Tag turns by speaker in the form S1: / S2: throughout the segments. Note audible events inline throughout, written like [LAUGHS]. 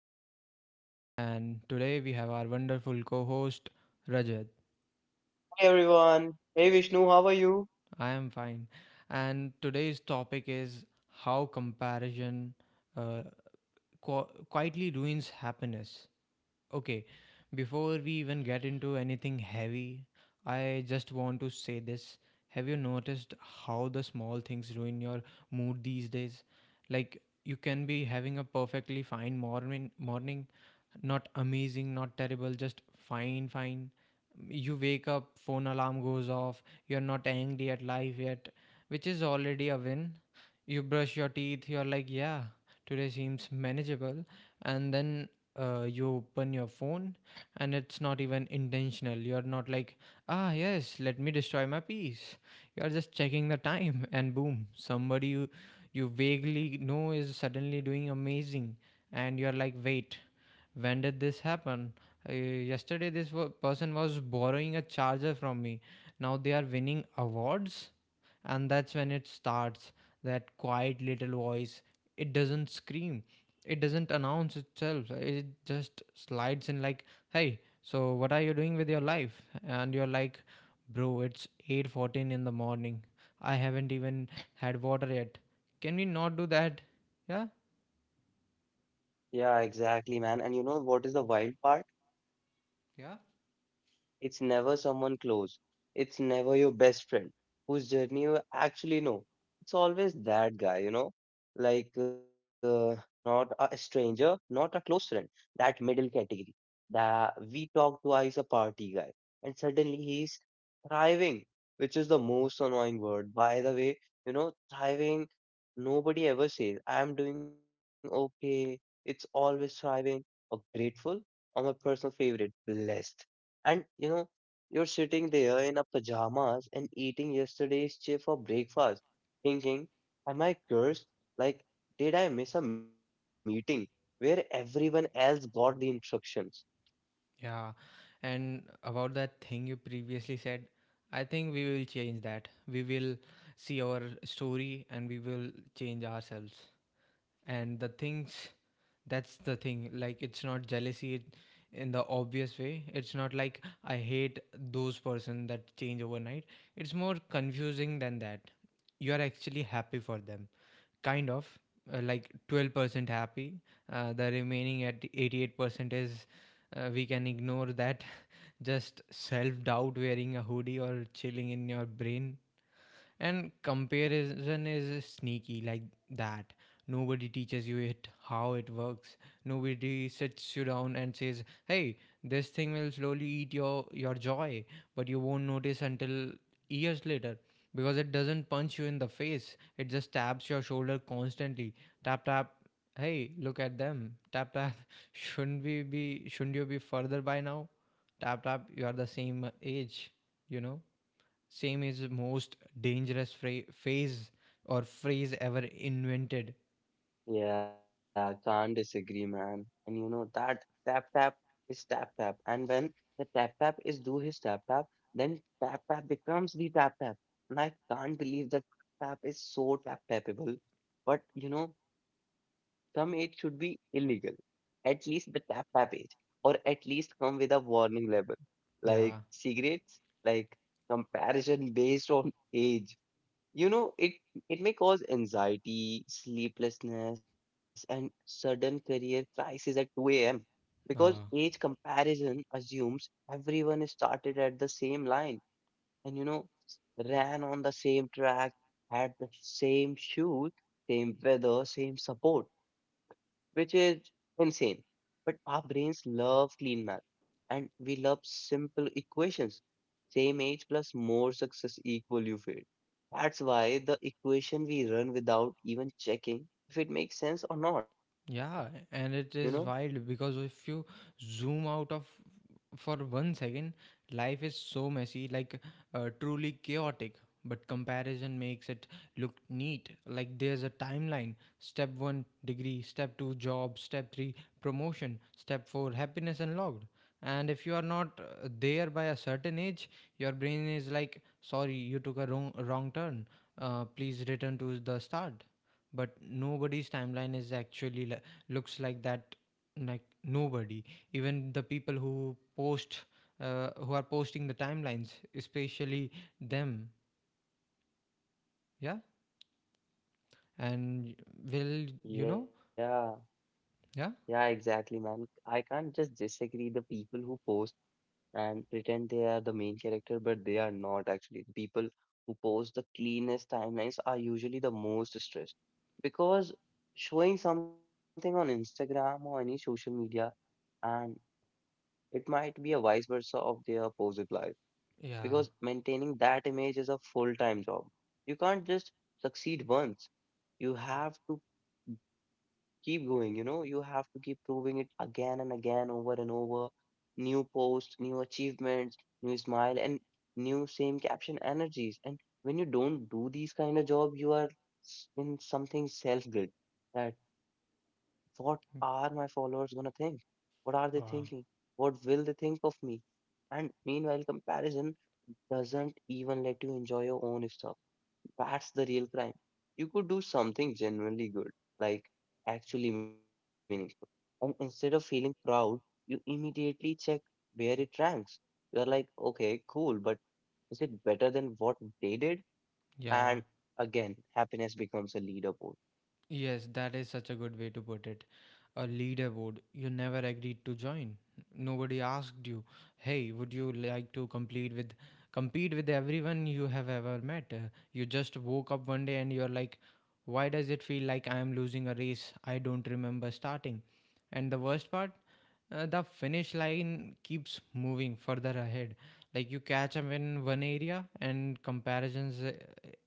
S1: Vishnu, and today we have our wonderful co host, Rajat.
S2: Hey everyone. Hey Vishnu, how are you?
S1: I am fine. And today's topic is how comparison uh, quietly ruins happiness. Okay, before we even get into anything heavy, I just want to say this. Have you noticed how the small things ruin your mood these days? Like, you can be having a perfectly fine morning, not amazing, not terrible, just fine. You wake up, phone alarm goes off, you're not angry at life yet, which is already a win. You brush your teeth, you're like, yeah, today seems manageable. And then you open your phone, and it's not even intentional. You're not like, ah, yes, let me destroy my peace. You're just checking the time, [LAUGHS] and boom, you vaguely know is suddenly doing amazing. And you're like, wait, when did this happen? Yesterday this person was borrowing a charger from me, now they are winning awards. And that's when it starts, that quiet little voice. It doesn't scream, it doesn't announce itself, it just slides in like, hey, so what are you doing with your life? And you're like, bro, it's 8:14 in the morning, I haven't even had water yet, can we not do that? Yeah,
S2: Yeah, exactly, man. And you know what is the wild part?
S1: yeah.
S2: It's never someone close. It's never your best friend whose journey you actually know. It's always that guy, you know, like uh, not a stranger, not a close friend, that middle category. That we talk twice a party guy, and suddenly he's thriving, which is the most annoying word. By the way, you know, thriving, nobody ever says, I'm doing okay. It's always thriving or grateful or my personal favorite, blessed. And you know, you're sitting there in a pajamas and eating yesterday's chip for breakfast, thinking, am I cursed? Like, did I miss a meeting where everyone else got the instructions?
S1: Yeah, and about that thing you previously said, I think we will change that. We will see our story and we will change ourselves. And the things that's the thing, like it's not jealousy, in the obvious way. It's not like I hate those person that change overnight, it's more confusing than that. You are actually happy for them, kind of, like 12% happy. Uh, the remaining at 88% is, we can ignore that, just self doubt wearing a hoodie or chilling in your brain. And comparison is sneaky like that. Nobody teaches you it how it works. Nobody sits you down and says, "Hey, this thing will slowly eat your joy," but you won't notice until years later because it doesn't punch you in the face. It just taps your shoulder constantly. Tap tap. Hey, look at them. Tap tap. [LAUGHS] Shouldn't we be? Shouldn't you be further by now? Tap tap. You are the same age. You know. Same is the most dangerous phase or phrase ever invented.
S2: Yeah, can't disagree, man. And you know, that tap tap is tap tap. And when the tap tap is do his tap tap, then tap tap becomes the tap tap. And I can't believe that tap tap is so tap tappable. But you know, some it should be illegal at least the tap package or at least come with a warning label like
S1: Yeah.
S2: cigarettes like comparison based on age, you know, it may cause anxiety, sleeplessness, and sudden career crisis at 2 a.m. because
S1: Uh,
S2: age comparison assumes everyone started at the same line and you know ran on the same track, had the same shoes, same weather, same support, which is insane. But our brains love clean math and we love simple equations. Same age plus more success equal you fail. That's why the equation we run without even checking if it makes sense or not,
S1: Yeah,
S2: you know?
S1: and it is wild because if you zoom out of for one second, life is so messy, like, truly chaotic. But comparison makes it look neat. Like there's a timeline: step one, degree; step two, job; step three, promotion; step four, happiness unlocked. And if you are not there by a certain age, your brain is like, "Sorry, you took a wrong turn. Please return to the start." But nobody's timeline is actually looks like that. Like nobody, even the people who post, who are posting the timelines, especially them. Yeah. And will, you know.
S2: Yeah, yeah,
S1: Yeah,
S2: exactly, man. I can't just disagree the people who post and pretend they are the main character, but they are not actually. The people who post the cleanest timelines are usually the most stressed because showing something on Instagram or any social media and it might be a vice versa of their opposite life because
S1: yeah,
S2: maintaining that image is a full-time job. You can't just succeed once. You have to keep going, you know, you have to keep proving it again and again, over and over. New posts, new achievements, new smile, and new same caption energies. And when you don't do these kind of job, you are s- in something self guilt that what are my followers gonna think, what are they thinking,
S1: wow,
S2: what will they think of me? And meanwhile, comparison doesn't even let you enjoy your own stuff. That's the real crime. You could do something genuinely good, like actually meaningful. And instead of feeling proud, you immediately check where it ranks. You're like, okay, cool, but is it better than what they did?
S1: yeah.
S2: And again, happiness becomes a leaderboard.
S1: Yes, that is such a good way to put it. A leaderboard you never agreed to join. Nobody asked you, "Hey, would you like to complete with compete with everyone you have ever met?" You just woke up one day and you're like, "Why does it feel like I am losing a race I don't remember starting?" And the worst part, the finish line keeps moving further ahead. Like you catch them in one area, and comparisons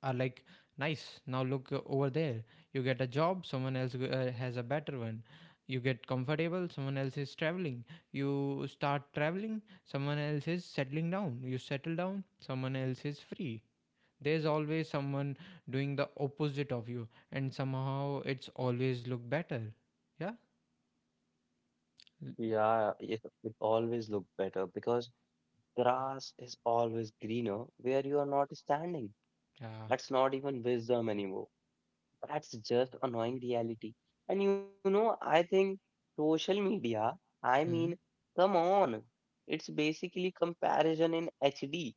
S1: are like, nice, now look over there. You get a job, someone else has a better one. You get comfortable, someone else is traveling. You start traveling, someone else is settling down. You settle down, someone else is free. There's always someone doing the opposite of you, and somehow it's always look better. Yeah? L-
S2: Yeah, it always look better because grass is always greener where you are not standing.
S1: Yeah.
S2: That's not even wisdom anymore. That's just annoying reality. And you know, I think social media, I mean,
S1: Hmm.
S2: come on. It's basically comparison in HD.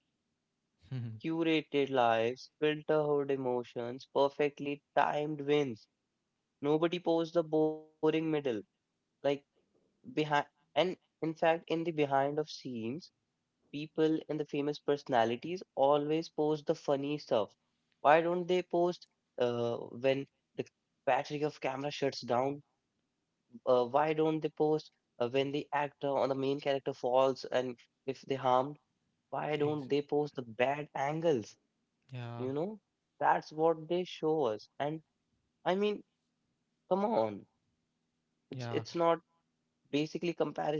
S1: [LAUGHS]
S2: Curated lives, filtered emotions, perfectly timed wins. Nobody posts the boring middle. Like behind and in fact in the behind of scenes, people and the famous personalities always post the funny stuff. Why don't they post uh, when the battery of camera shuts down, why don't they post when the actor or the main character falls and if they harmed, why don't
S1: Ex-
S2: they post the bad angles?
S1: yeah,
S2: You know, that's what they show us. And I mean, come on, it's
S1: yeah,
S2: not basically comparison.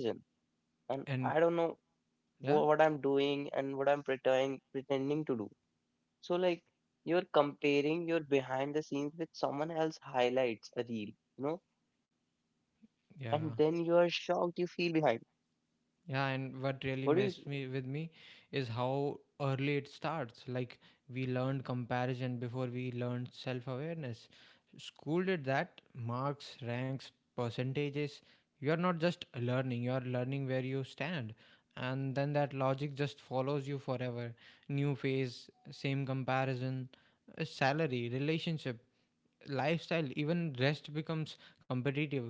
S2: And I
S1: and
S2: don't know
S1: yeah,
S2: what I'm doing and what I'm pretending to do. So like, you're comparing your behind the scenes with someone else highlights a reel, you know. And then you are
S1: yeah,
S2: shocked, you feel behind.
S1: yeah. And what
S2: What do you
S1: really
S2: s-
S1: messed me with me is how early it starts. Like we learned comparison before we learned self-awareness. School did that. Marks, ranks, percentages. You're not just learning. You're learning where you stand, and then that logic just follows you forever. New phase, same comparison, salary, relationship, lifestyle. Even rest becomes competitive.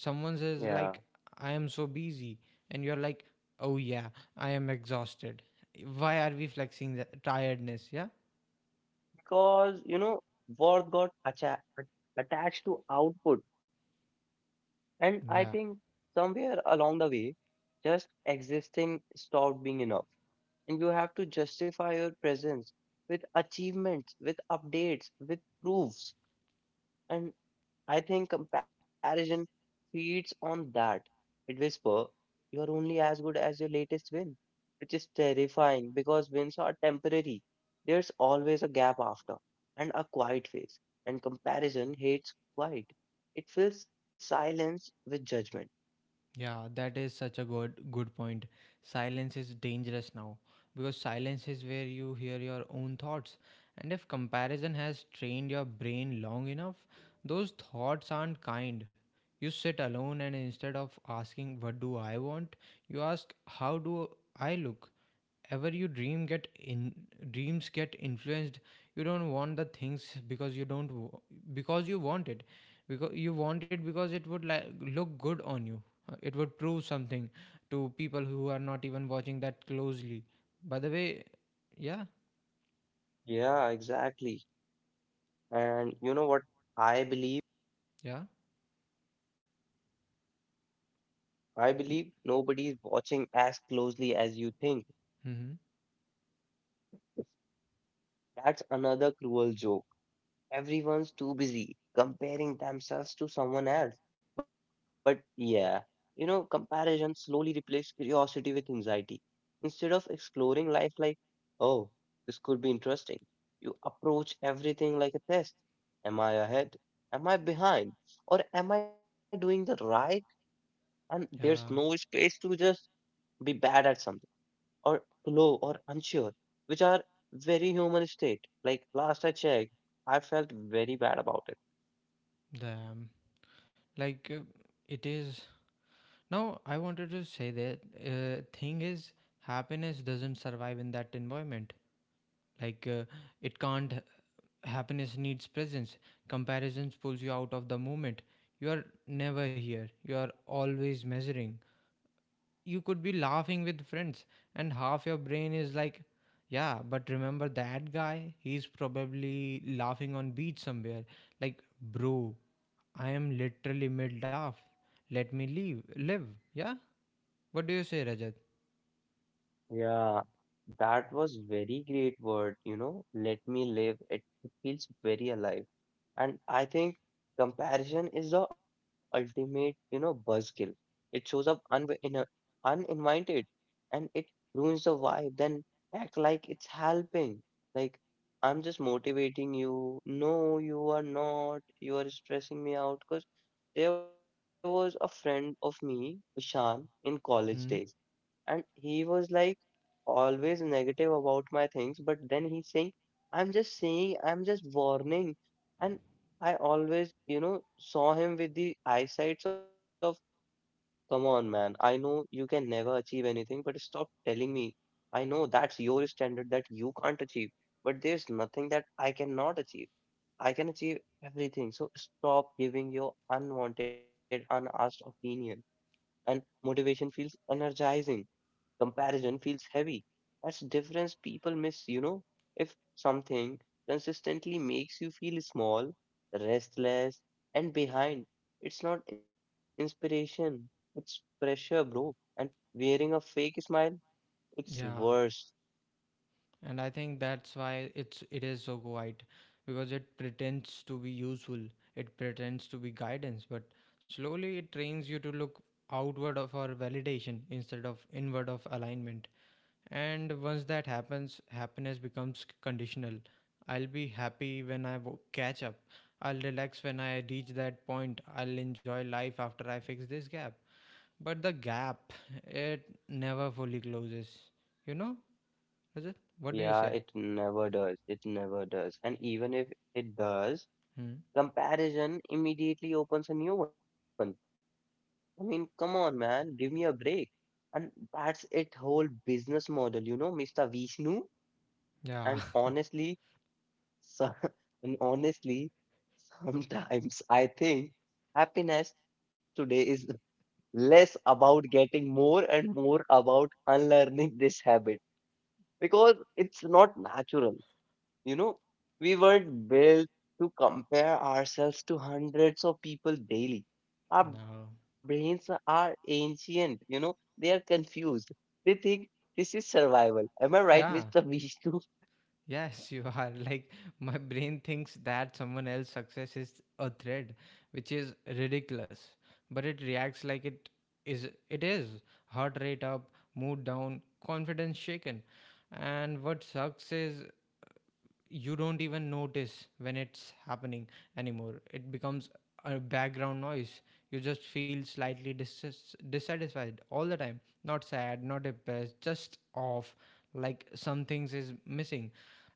S1: Someone says
S2: Yeah,
S1: like, I am so busy. And you're like, oh yeah, I am exhausted. Why are we flexing the tiredness? Yeah,
S2: because you know worth attached to output. And I think
S1: yeah.
S2: somewhere along the way, just existing stopped being enough and you have to justify your presence with achievements, with updates, with proofs. And I think comparison feeds on that. It whisper, you are only as good as your latest win, which is terrifying because wins are temporary. There's always a gap after and a quiet phase, and comparison hates quiet. It fills silence with judgment.
S1: Yeah, that is such a good point. Silence is dangerous now because silence is where you hear your own thoughts. And if comparison has trained your brain long enough, those thoughts aren't kind. You sit alone and instead of asking what do I want, you ask how do I look? Ever you dream get in, dreams get influenced. You don't want the things because you don't w- because you want it, because you want it because it would like look good on you. It would prove something to people who are not even watching that closely, by the way. Yeah,
S2: Yeah, exactly. And you know what I believe?
S1: yeah,
S2: I believe nobody is watching as closely as you think.
S1: mm-hmm,
S2: That's another cruel joke. Everyone's too busy comparing themselves to someone else. But yeah, you know, comparison slowly replaces curiosity with anxiety. Instead of exploring life like, oh, this could be interesting, you approach everything like a test. Am I ahead? Am I behind? Or am I doing the right? And there's no
S1: yeah,
S2: space to just be bad at something or slow or unsure, which are very human state. Like last I checked, I felt very bad about it.
S1: damn. Like, it is, now I wanted to say that, thing is happiness doesn't survive in that environment. Like, it can't. Happiness needs presence. Comparisons pulls you out of the moment. You are never here. You are always measuring. You could be laughing with friends, and half your brain is like, yeah, but remember that guy? He's probably laughing on beach somewhere. Like, bro, I am literally mid laugh. Let me leave, live. Yeah. What do you say, Rajat?
S2: Yeah, that was very great word, you know. Let me live. It feels very alive. And I think comparison is the ultimate, you know, buzzkill. It shows up uninvited and it ruins the vibe. Then act like it's helping. Like, I'm just motivating you. No, you are not. You are stressing me out. Because there was a friend of me, Ishan, in college days,
S1: Hmm.
S2: and he was like always negative about my things, but then he's saying I'm just saying, I'm just warning. And I always, you know, saw him with the eyesights of, come on man, I know you can never achieve anything, but stop telling me. I know that's your standard that you can't achieve, but there's nothing that I cannot achieve. I can achieve everything. So stop giving your unwanted, unasked opinion. And motivation feels energizing, comparison feels heavy. That's difference people miss, you know. If something consistently makes you feel small, restless, and behind, it's not inspiration, it's pressure, bro. And wearing a fake smile, it's
S1: Yeah.
S2: worse.
S1: And I think that's why it is so quiet, because it pretends to be useful, it pretends to be guidance, but slowly it trains you to look outward for validation instead of inward of alignment. And once that happens, happiness becomes conditional. I'll be happy when I catch up, I'll relax when I reach that point, I'll enjoy life after I fix this gap. But the gap, it never fully closes, you know. Is it? What do you
S2: Yeah,
S1: say?
S2: it never does. It never does. And even if it does,
S1: Hmm?
S2: comparison immediately opens a new one. I mean, come on, man, give me a break. And that's it whole business model, you know, Mr. Vishnu. And
S1: Yeah,
S2: honestly, so, [LAUGHS] and honestly, sometimes I think happiness today is less about getting more and more about unlearning this habit because it's not natural. You know, we weren't built to compare ourselves to hundreds of people daily. Our
S1: [LAUGHS] no.
S2: brains are ancient, you know, they are confused. They think this is survival. Am I right, Mr.
S1: Yeah,
S2: Vishnu? [LAUGHS]
S1: yes, [LAUGHS] you are. Like, my brain thinks that someone else's success is a threat, which is ridiculous. But it reacts like it is. It is. Heart rate up, mood down, confidence shaken. And what sucks is you don't even notice when it's happening anymore. It becomes a background noise. You just feel slightly dissatisfied all the time. Not sad, not depressed, just off. Like some things is missing.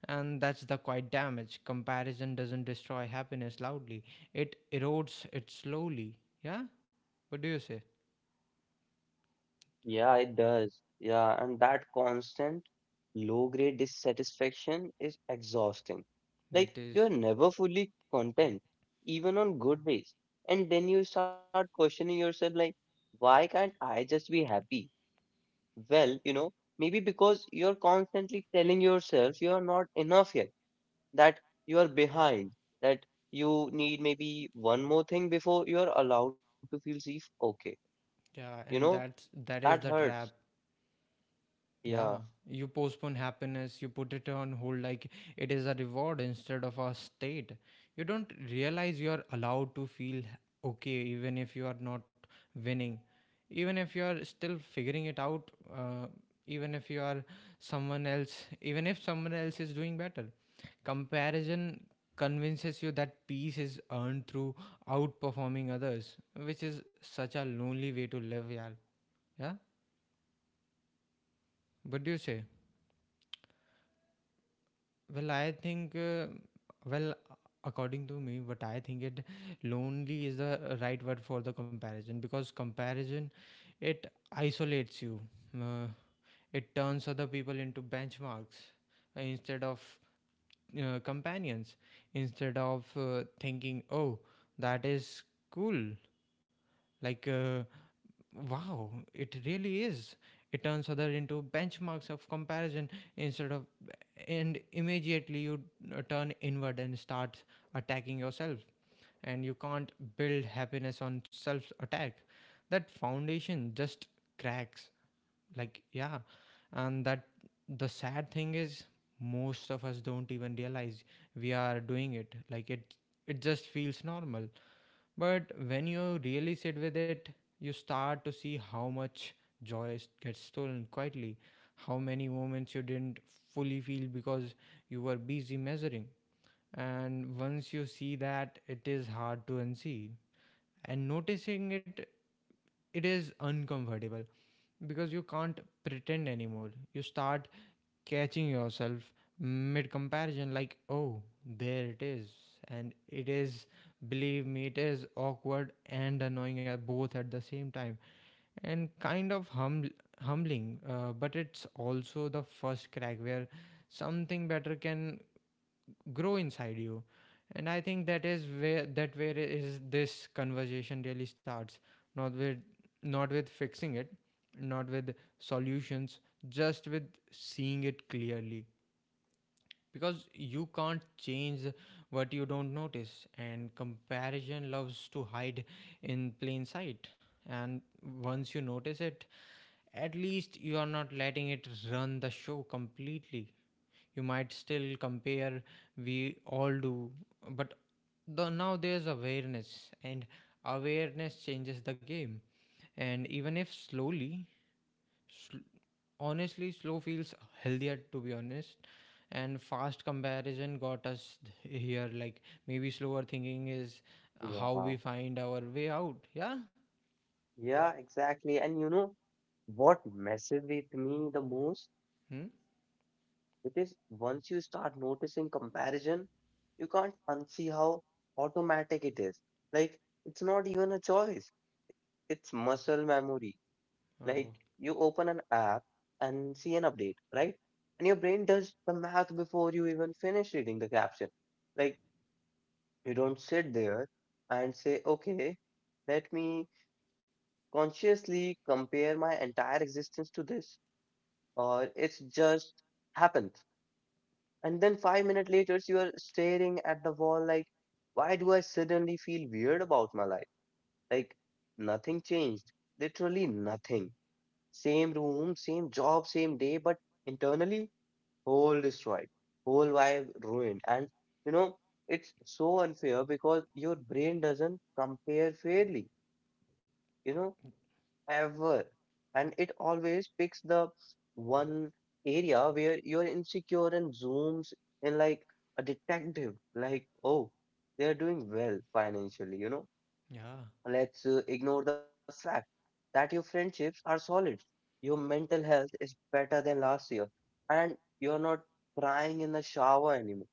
S1: And that's the quite damage. Comparison doesn't destroy happiness loudly, it erodes it slowly. Yeah? What do you say?
S2: Yeah, it does. Yeah, and that constant low grade dissatisfaction is exhausting. Like,
S1: It
S2: you're
S1: is.
S2: never fully content, even on good days. And then you start questioning yourself, like, why can't I just be happy? Well, you know, maybe because you're constantly telling yourself you are not enough yet, that you are behind, that you need maybe one more thing before you're allowed to feel safe. Okay. You
S1: Yeah,
S2: know,
S1: and
S2: that
S1: that is the
S2: hurts.
S1: trap.
S2: Yeah,
S1: Yeah, you postpone happiness, you put it on hold like it is a reward instead of a state. You don't realize you are allowed to feel okay even if you are not winning, even if you are still figuring it out, uh, even if you are someone else, even if someone else is doing better. Comparison convinces you that peace is earned through outperforming others, which is such a lonely way to live, yeah. Yeah, what do you say? Well, I think, well, according to me, what I think it, lonely is the right word for the comparison, because comparison, it isolates you. Uh, it turns other people into benchmarks, instead of companions. Instead of thinking, oh, that is cool. Like, wow, it really is. It turns other into benchmarks of comparison instead of, and immediately you turn inward and start attacking yourself. And you can't build happiness on self attack. That foundation just cracks. Like, yeah. And that the sad thing is, most of us don't even realize we are doing it. Like, it just feels normal. But when you really sit with it, you start to see how much gets stolen quietly, how many moments you didn't fully feel because you were busy measuring. And once you see that, it is hard to unsee. And noticing it, it is uncomfortable because you can't pretend anymore. You start catching yourself mid comparison, like oh there it is. And it is, believe me, it is awkward and annoying at both at the same time, and kind of humbling, but it's also the first crack where something better can grow inside you. And I think that is where, that where is this conversation really starts, not with, not with fixing it, not with solutions, just with seeing it clearly. Because you can't change what you don't notice, and comparison loves to hide in plain sight. And once you notice it, at least you are not letting it run the show completely. You might still compare, we all do, but now there's awareness, and awareness changes the game. And even if slowly, Sl- honestly, slow feels healthier to be honest. And fast comparison got us here. Like maybe slower thinking is how we
S2: yeah,
S1: find our way out. Yeah.
S2: yeah, exactly. And you know what messes with me the most?
S1: Hmm?
S2: It is once you start noticing comparison, you can't unsee how automatic it is. Like, it's not even a choice, it's muscle memory. Like,
S1: Oh,
S2: you open an app and see an update, right? And your brain does the math before you even finish reading the caption. Like, you don't sit there and say, okay, let me consciously compare my entire existence to this, or it's just happened. And then 5 minutes later, you are staring at the wall like, why do I suddenly feel weird about my life? Like nothing changed, literally nothing. Same room, same job, same day, but internally, whole destroyed, whole vibe ruined. And you know, it's so unfair because your brain doesn't compare fairly, you know, ever. And it always picks the one area where you're insecure and zooms in like a detective, like, oh, they're doing well financially, you know.
S1: yeah.
S2: Let's ignore the fact that your friendships are solid. Your mental health is better than last year, and you're not crying in the shower anymore.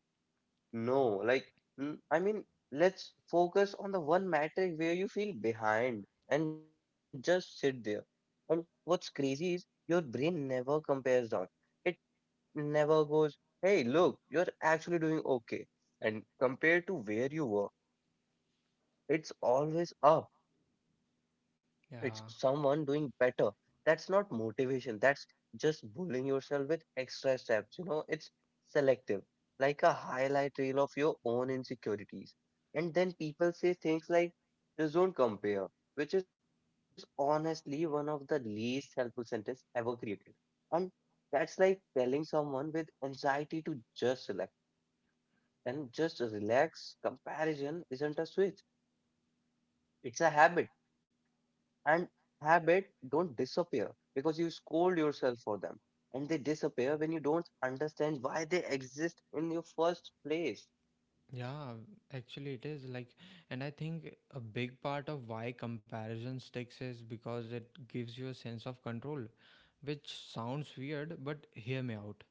S2: No, like, mm, I mean, let's focus on the one metric where you feel behind and just sit there. And what's crazy is your brain never compares down. It never goes, hey, look, you're actually doing okay. And compared to where you were, it's always up, it's
S1: Yeah.
S2: someone doing better. That's not motivation. That's just bullying yourself with extra steps. You know, it's selective, like a highlight reel of your own insecurities. And then people say things like, just don't compare, which is honestly one of the least helpful sentence ever created. And that's like telling someone with anxiety to just select and just relax. Comparison isn't a switch, it's a habit, and habit don't disappear because you scold yourself for them, and they disappear when you don't understand why they exist in your first place.
S1: Yeah. Actually, it is like, and I think a big part of why comparison sticks is because it gives you a sense of control, which sounds weird, but hear me out.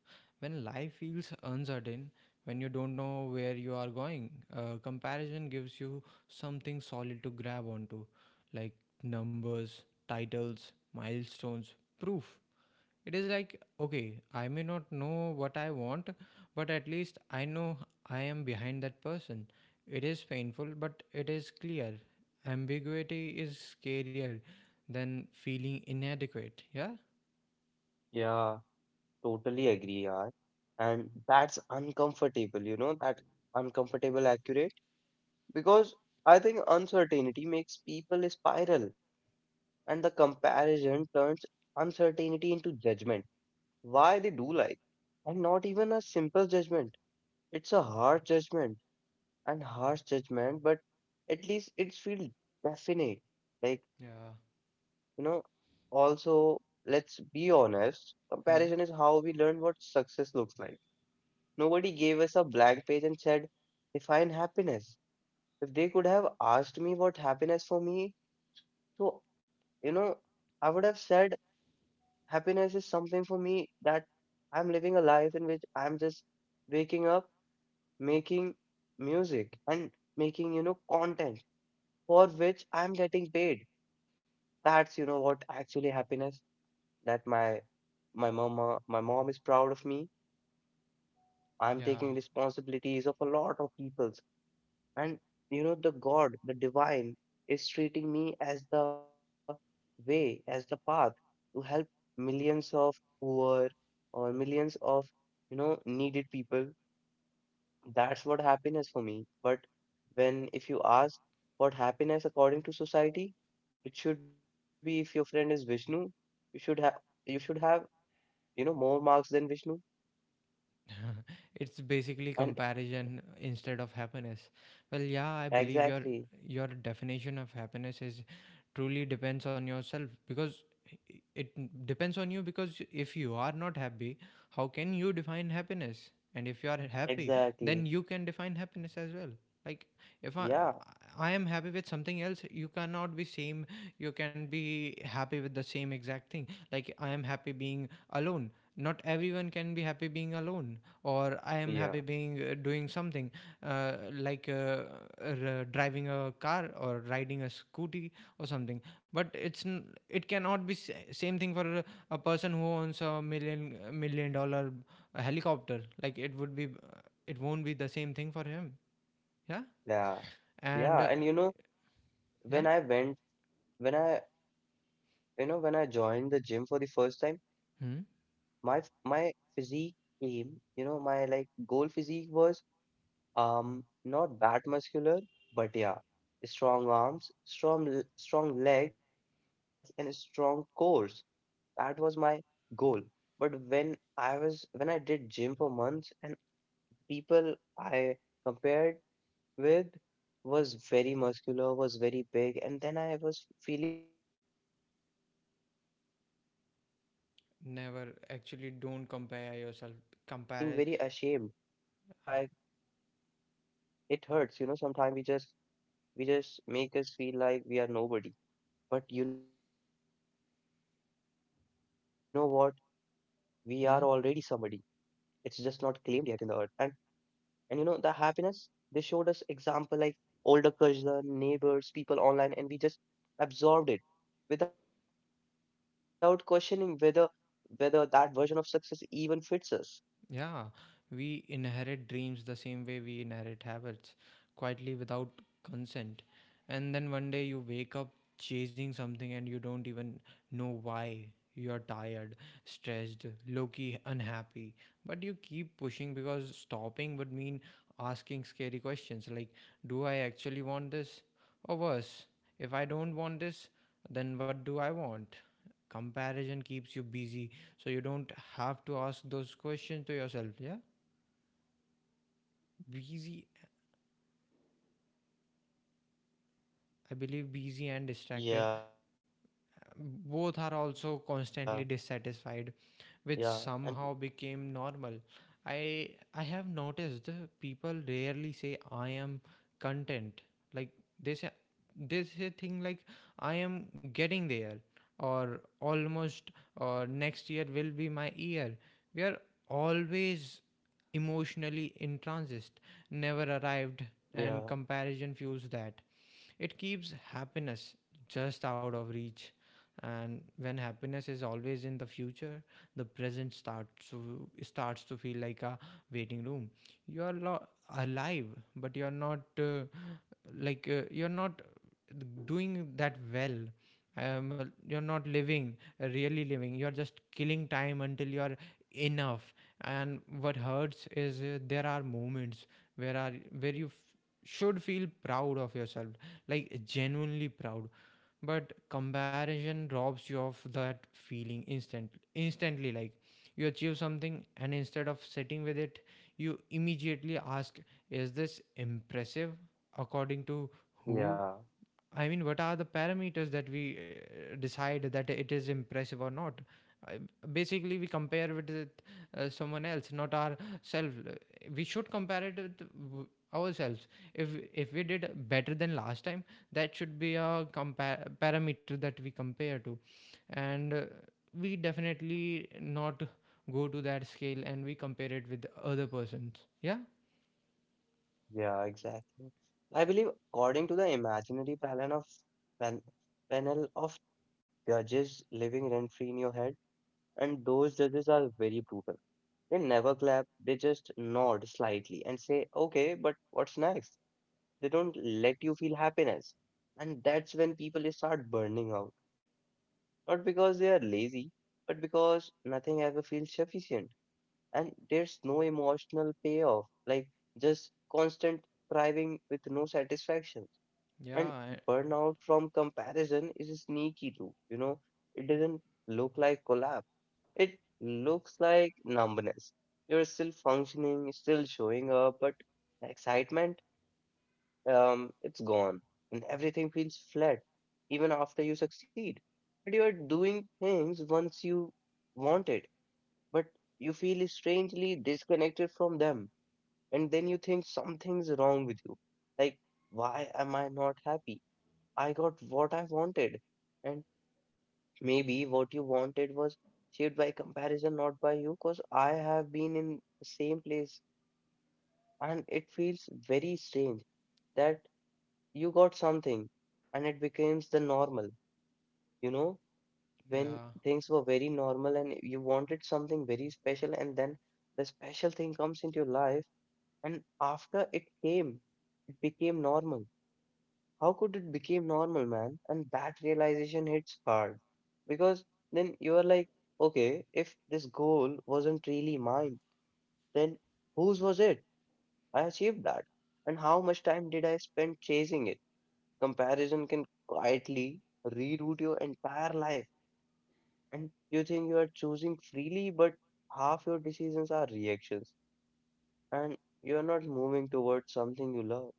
S1: When life feels uncertain, when you don't know where you are going, comparison gives you something solid to grab onto, like numbers, titles, milestones, proof. It is like, okay, I may not know what I want, but at least I know I am behind that person. It is painful, but it is clear. Ambiguity is scarier than feeling inadequate, yeah?
S2: Yeah, totally agree, yaar. And that's uncomfortable, you know that, uncomfortable accurate, because I think uncertainty makes people spiral, and the comparison turns uncertainty into judgment. Why they do, like, and not even a simple judgment, it's a hard judgment and harsh judgment, but at least it feels definite. Like,
S1: Yeah.
S2: you know, also, let's be honest, comparison is
S1: Hmm.
S2: how we learn what success looks like. Nobody gave us a blank page and said, define happiness. If they could have asked me what happiness for me, so, you know, I would have said, happiness is something for me that I'm living a life in which I'm just waking up, making music, and making content for which I'm getting paid. That's, what actually happiness, that my mama, my mom is proud of me. I'm
S1: Yeah.
S2: taking responsibilities of a lot of peoples. And you know, the God, the divine is treating me as the way, as the path to help millions of poor or millions of, needed people. That's what happiness for me. But when if you ask what happiness according to society, it should be if your friend is Vishnu, you should have you should have, more marks than Vishnu.
S1: [LAUGHS] It's basically
S2: And
S1: comparison instead of happiness. Well, yeah, I believe
S2: exactly,
S1: your definition of happiness is truly depends on yourself because it depends on you because if you are not happy, how can you define happiness? And if you are happy,
S2: exactly.
S1: then you can define happiness as well. Like if
S2: Yeah,
S1: I am happy with something else, you cannot be same. You can be happy with the same exact thing. Like I am happy being alone. Not everyone can be happy being alone, or I
S2: yeah,
S1: am happy being doing something like driving a car or riding a scooty or something, but it cannot be same thing for a person who owns a million $1 million helicopter. Like it won't be the same thing for him, yeah.
S2: yeah, yeah.
S1: And
S2: And you know, when
S1: yeah.
S2: I went when I you know when I joined the gym for the first time,
S1: Hmm?
S2: my physique came, you know, my like goal physique was not that muscular, but yeah, strong arms, strong legs, and strong cores. That was my goal. But when I did gym for months, and people I compared with was very muscular, was very big, and then I was feeling very ashamed that, oh my God, I'm a bit fat. I'm
S1: Never
S2: not
S1: actually
S2: that much.
S1: don't compare yourself compare.
S2: Yeah, I, it hurts, you know. Sometimes we just we just make us feel like we are nobody. But you know what? We are already somebody. It's just not claimed yet in the
S1: Hmm?
S2: earth. And you know the happiness they showed us example like older cousins, neighbors, people online, and we just absorbed it without questioning whether that version of success even fits us.
S1: Yeah, we inherit dreams the same way we inherit habits, quietly without consent. And then one day you wake up chasing something and you don't even know why. You're tired, stressed, low key unhappy. But you keep pushing because stopping would mean asking scary questions like, do I actually want this? Or worse, if I don't want this, then what do I want? Comparison keeps you busy so you don't have to ask those questions to yourself, yeah. Busy. I believe busy and distracted,
S2: Yeah,
S1: both are
S2: yeah,
S1: also
S2: and
S1: constantly dissatisfied, which somehow became normal. I have noticed the people rarely say I am content. Like they say, thing like I am getting there, or almost, or next year will be my year. We are always emotionally intransit, never arrived.
S2: yeah,
S1: And comparison fuels that. It keeps happiness just out of reach. And when happiness is always in the future, the present starts to feel like a waiting room. You are alive, but you are not like you are not doing that well. You're not living, really living. You're just killing time until you're enough. And what hurts is, there are moments where are where you should feel proud of yourself, like genuinely proud, but comparison robs you of that feeling instantly. Like you achieve something and instead of sitting with it, you immediately ask, is this impressive according to who?
S2: yeah.
S1: I mean, what are the parameters that we decide that it is impressive or not? I, Basically, we compare with it someone else, not ourselves. We should compare it with w- ourselves. If we did better than last time, that should be a compare parameter that we compare to, and we definitely not go to that scale and we compare it with other persons. Yeah.
S2: Yeah, exactly. I believe, according to the imaginary panel of pan, panel of judges living rent-free in your head, and those judges are very brutal. They never clap, they just nod slightly and say, "Okay, but what's next?" They don't let you feel happiness, and that's when people start burning out. Not because they are lazy, but because nothing ever feels sufficient, and there's no emotional payoff, like just constant striving with no satisfaction.
S1: Yeah,
S2: And
S1: I.
S2: burnout from comparison is sneaky too, you know. It doesn't look like collapse, it looks like numbness. You're still functioning, still showing up, but the excitement, it's gone, and everything feels flat even after you succeed. But you are doing things once you wanted, but you feel strangely disconnected from them. And then you think something's wrong with you. Like, why am I not happy? I got what I wanted. And maybe what you wanted was shaped by comparison, not by you, because I have been in the same place. And it feels very strange that you got something and it becomes the normal, you know, when
S1: Yeah.
S2: things were very normal and you wanted something very special, and then the special thing comes into your life. And after it came, it became normal. How could it became normal, man? And that realization hits hard because then you are like, okay, if this goal wasn't really mine, then whose was it? I achieved that. And how much time did I spend chasing it? Comparison can quietly reroute your entire life. And you think you are choosing freely, but half your decisions are reactions. And you are not moving towards something you love.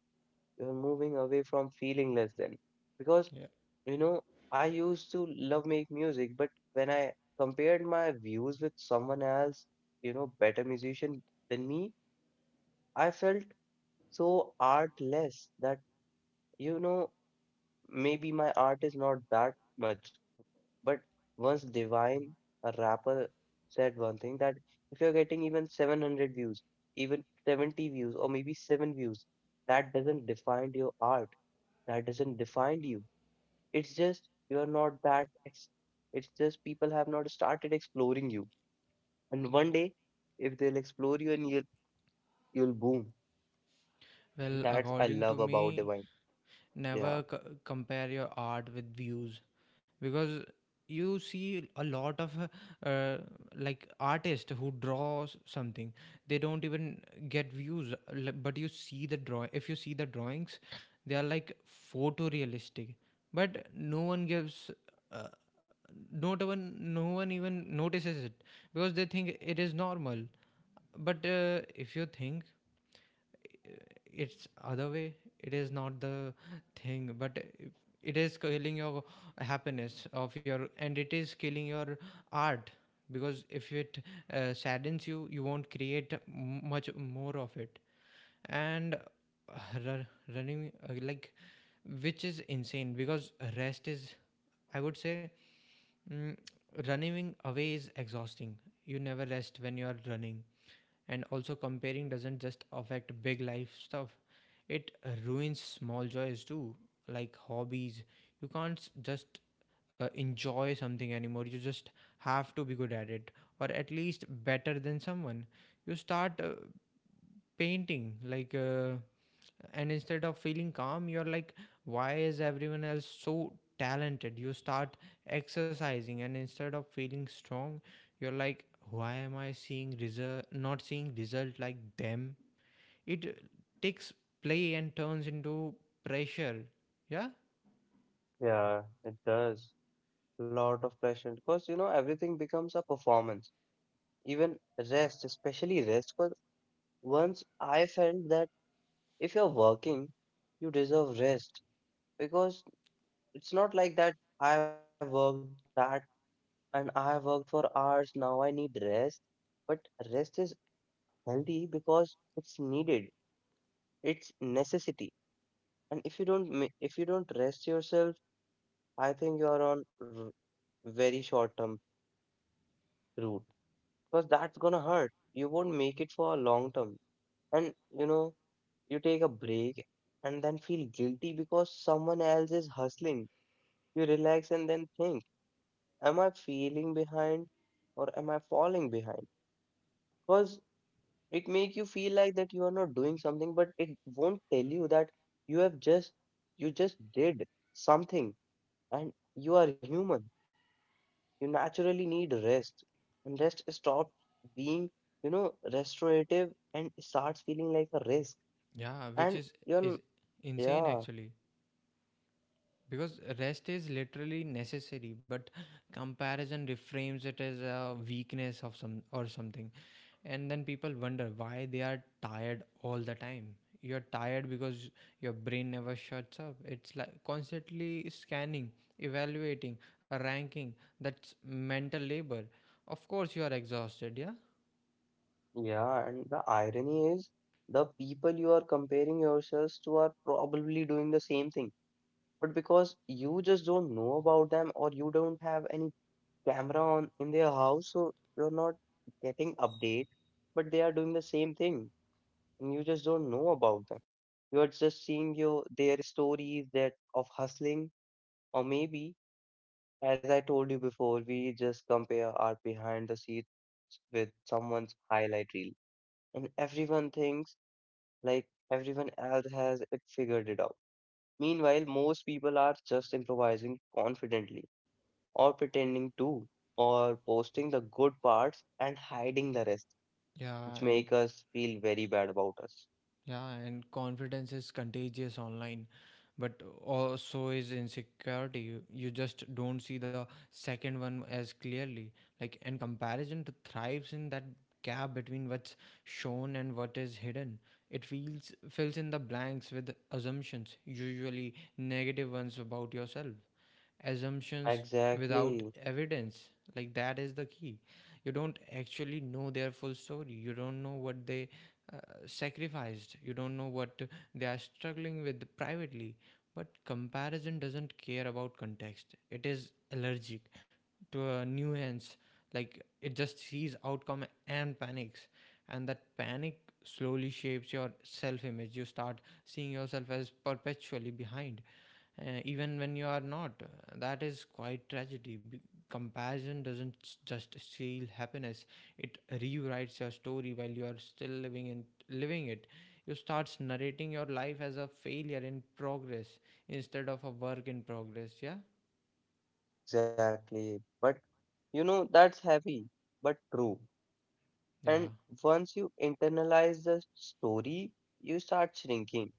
S2: You're moving away from feeling less than. Because,
S1: Yeah.
S2: you know, I used to love make music, but when I compared my views with someone else, you know, better musician than me, I felt so artless that, you know, maybe my art is not that much. But once Divine, a rapper, said one thing that if you're getting even 700 views, even 70 views, or maybe 7 views, that doesn't define your art, that doesn't define you. It's just you're not that, it's just people have not started exploring you. And one day, if they'll explore you, you'll boom. And
S1: Well,
S2: that's I
S1: according to
S2: love about
S1: me,
S2: Divine. Yeah,
S1: never compare your art with views, because you see a lot of uh, like artists who draws something, they don't even get views but you see the draw if you see the drawings, they are like photorealistic, but no one gives uh, not even no one even notices it because they think it is normal. But if you think it's other way, it is not the thing, but it is killing your happiness of your and it is killing your art, because if it saddens you, you won't create much more of it. And ru- running like, which is insane because rest is, I would say, mm, running away is exhausting. You never rest when you are running. And also comparing doesn't just affect big life stuff, it ruins small joys too, like hobbies. You can't s- just enjoy something anymore, you just have to be good at it, or at least better than someone. You start painting like, and instead of feeling calm you're like, why is everyone else so talented? You start exercising and instead of feeling strong, you're like, why am I seeing result not seeing result like them? It takes play and turns into pressure. Yeah.
S2: yeah, it does. A lot of pressure because you know everything becomes a performance. Even rest, especially rest, because once I felt that if you're working, you deserve rest because it's not like that I worked that and I worked for hours now I need rest. But rest is healthy because it's needed, it's necessity. And if you don't if you don't rest yourself, I think you're on very short term route, because that's gonna hurt, you won't make it for a long term. And you know, you take a break and then feel guilty because someone else is hustling, you relax and then think, am I feeling behind or am I falling behind? Because it make you feel like that you are not doing something, but it won't tell you that you have just, you just did something, and you are human, you naturally need rest. And rest stop being, you know, restorative and starts feeling like a risk.
S1: Yeah, which
S2: and you're n-
S1: is insane
S2: yeah,
S1: actually, because rest is literally necessary, but comparison reframes it as a weakness of something. And then people wonder why they are tired all the time. You're tired because your brain never shuts up. It's like constantly scanning, evaluating, ranking. That's mental labor. Of course you are exhausted. Yeah.
S2: yeah, and the irony is the people you are comparing yourselves to are probably doing the same thing, but because you just don't know about them, or you don't have any camera on in their house, so you're not getting update, but they are doing the same thing, and you just don't know about them. You are just seeing your their stories that of hustling, or maybe, as I told you before, we just compare our behind the scenes with someone's highlight reel, and everyone thinks like everyone else has it figured it out. Meanwhile, most people are just improvising confidently or pretending to, or posting the good parts and hiding the rest,
S1: Yeah,
S2: which
S1: and
S2: make us feel very bad about us.
S1: yeah, and confidence is contagious online, but also is insecurity. You just don't see the second one as clearly. Like, and comparison thrives in that gap between what's shown and what is hidden. It feels fills in the blanks with assumptions, usually negative ones about yourself, assumptions without
S2: Exactly,
S1: evidence. Like that is the key. You don't actually know their full story. You don't know what they uh, sacrificed. You don't know what they are struggling with privately. But comparison doesn't care about context, it is allergic to a nuance. Like it just sees outcome and panics, and that panic slowly shapes your self image. You start seeing yourself as perpetually behind, even when you are not. That is quite tragedy. Comparison doesn't just steal happiness; it rewrites your story while you are still living it. You start narrating your life as a failure in progress instead of a work in progress. Yeah.
S2: exactly. But you know, that's heavy, but true.
S1: Yeah.
S2: And once you internalize the story, you start shrinking.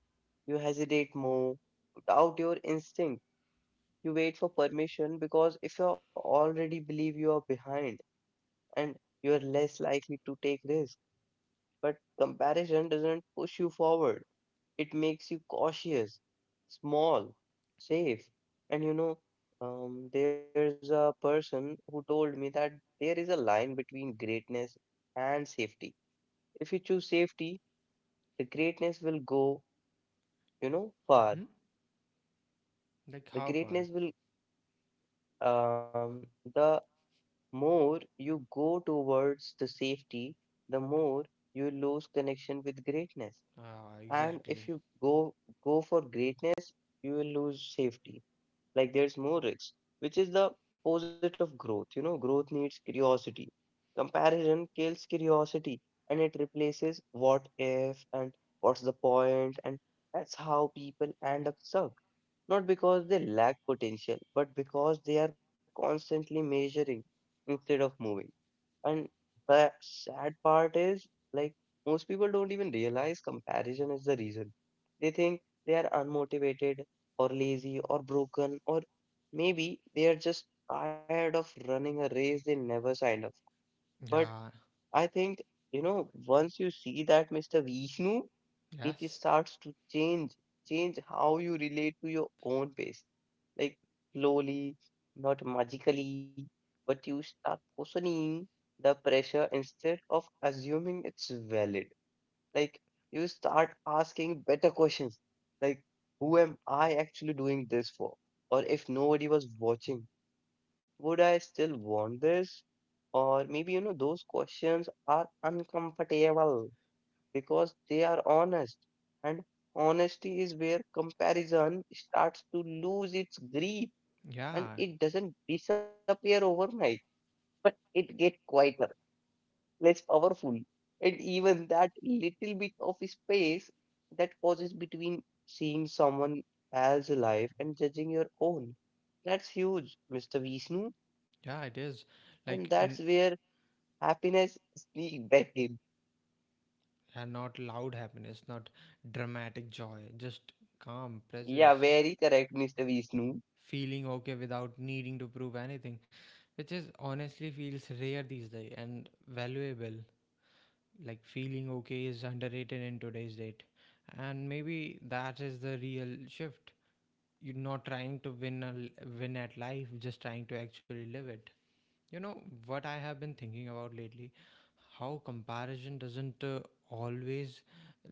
S2: You hesitate more, you doubt your instinct, you wait for permission, because if you already believe you are behind, and you are less likely to take risks. But comparison doesn't push you forward. It makes you cautious, small, safe. And you know, there's a person who told me that there is a line between greatness and safety. If you choose safety, the greatness will go, you know,
S1: Hmm?
S2: far.
S1: Like how
S2: The
S1: far?
S2: greatness will, um, the more you go towards the safety, the more you lose connection with greatness.
S1: Ah,
S2: And if
S1: exactly.
S2: you go for greatness, you will lose safety. Like there's more risk, which is the opposite of growth. You know, growth needs curiosity. Comparison kills curiosity, and it replaces what if and what's the point, and that's how people end up stuck. Not because they lack potential, but because they are constantly measuring instead of moving. And the sad part is, like, most people don't even realize comparison is the reason. They think they are unmotivated or lazy or broken, or maybe they are just tired of running a race they never signed up for. But
S1: Yeah.
S2: I think, you know, once you see that, Mr. Vishnu, it
S1: Yes.
S2: starts to change how you relate to your own pace, like slowly, not magically, but you start questioning the pressure instead of assuming it's valid. Like, you start asking better questions, like, who am I actually doing this for? Or if nobody was watching, would I still want this? Or maybe, you know, those questions are uncomfortable because they are honest. And honesty is where comparison starts to lose its grip,
S1: Yeah.
S2: and it doesn't disappear overnight, but it gets quieter, less powerful. And even that little bit of space, that pauses between seeing someone else's life and judging your own. That's huge, Mr. Vishnu.
S1: Yeah. It
S2: And
S1: is
S2: that's where
S1: like
S2: happiness sneaks back in.
S1: yeah, not loud happiness, not dramatic joy, just calm
S2: Yeah,
S1: presence.
S2: very correct, Mr. Vishnu.
S1: Feeling okay without needing to prove anything, which is honestly feels rare these days and valuable. Like feeling okay is underrated in today's date, and maybe that is the real shift. You're not trying to win at life, just trying to actually live it. You know what I have been thinking about lately? How comparison doesn't always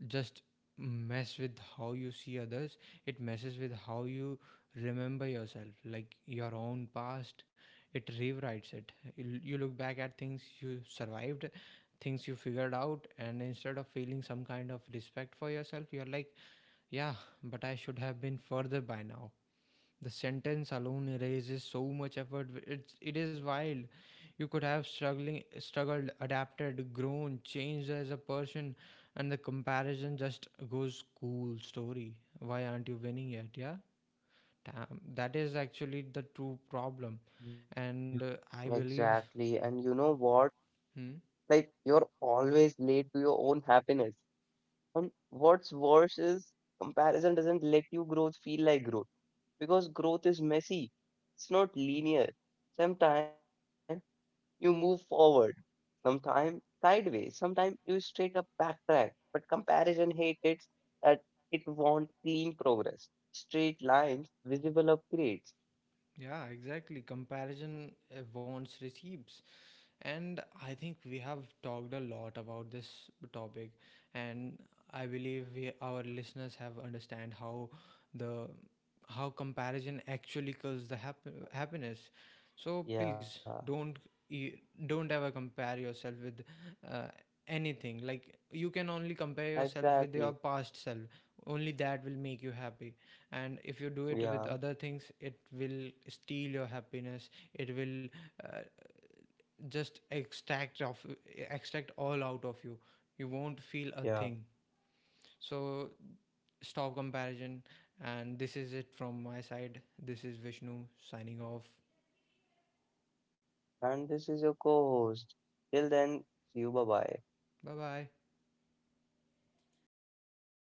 S1: just mess with how you see others, it messes with how you remember yourself, like your own past. It rewrites it. You look back at things you survived, things you figured out, and instead of feeling some kind of respect for yourself, you're like, yeah, but I should have been further by now. The sentence alone erases so much effort. It is wild. You could have struggled, adapted, grown, changed as a person, and the comparison just goes, cool story. Why aren't you winning yet? Yeah, damn. That is actually the true problem, and I
S2: Yeah.
S1: believe.
S2: Exactly. And you know what?
S1: Hmm?
S2: Like, you're always late to your own happiness. And what's worse is comparison doesn't let you growth feel like growth, because growth is messy. It's not linear. Sometimes you move forward, sometimes sideways, sometimes you straight up backtrack. But comparison hates that, it wants clean progress, straight lines, visible upgrades.
S1: Yeah, exactly. Comparison wants receipts. And I think we have talked a lot about this topic, and I believe we, our listeners have understand how the how comparison actually kills the happiness. So please
S2: Yeah,
S1: don't e- don't ever compare yourself with uh, anything. Like you can only compare yourself with
S2: exactly.
S1: your past self. Only that will make you happy. And if you do it
S2: Yeah,
S1: with other things, it will steal your happiness. It will uh, just extract all out of you, you won't feel a
S2: yeah.
S1: thing. So stop comparison, and this is it from my side. This is Vishnu signing off.
S2: And this is your co host. Till then, see you, bye bye.
S1: Bye bye.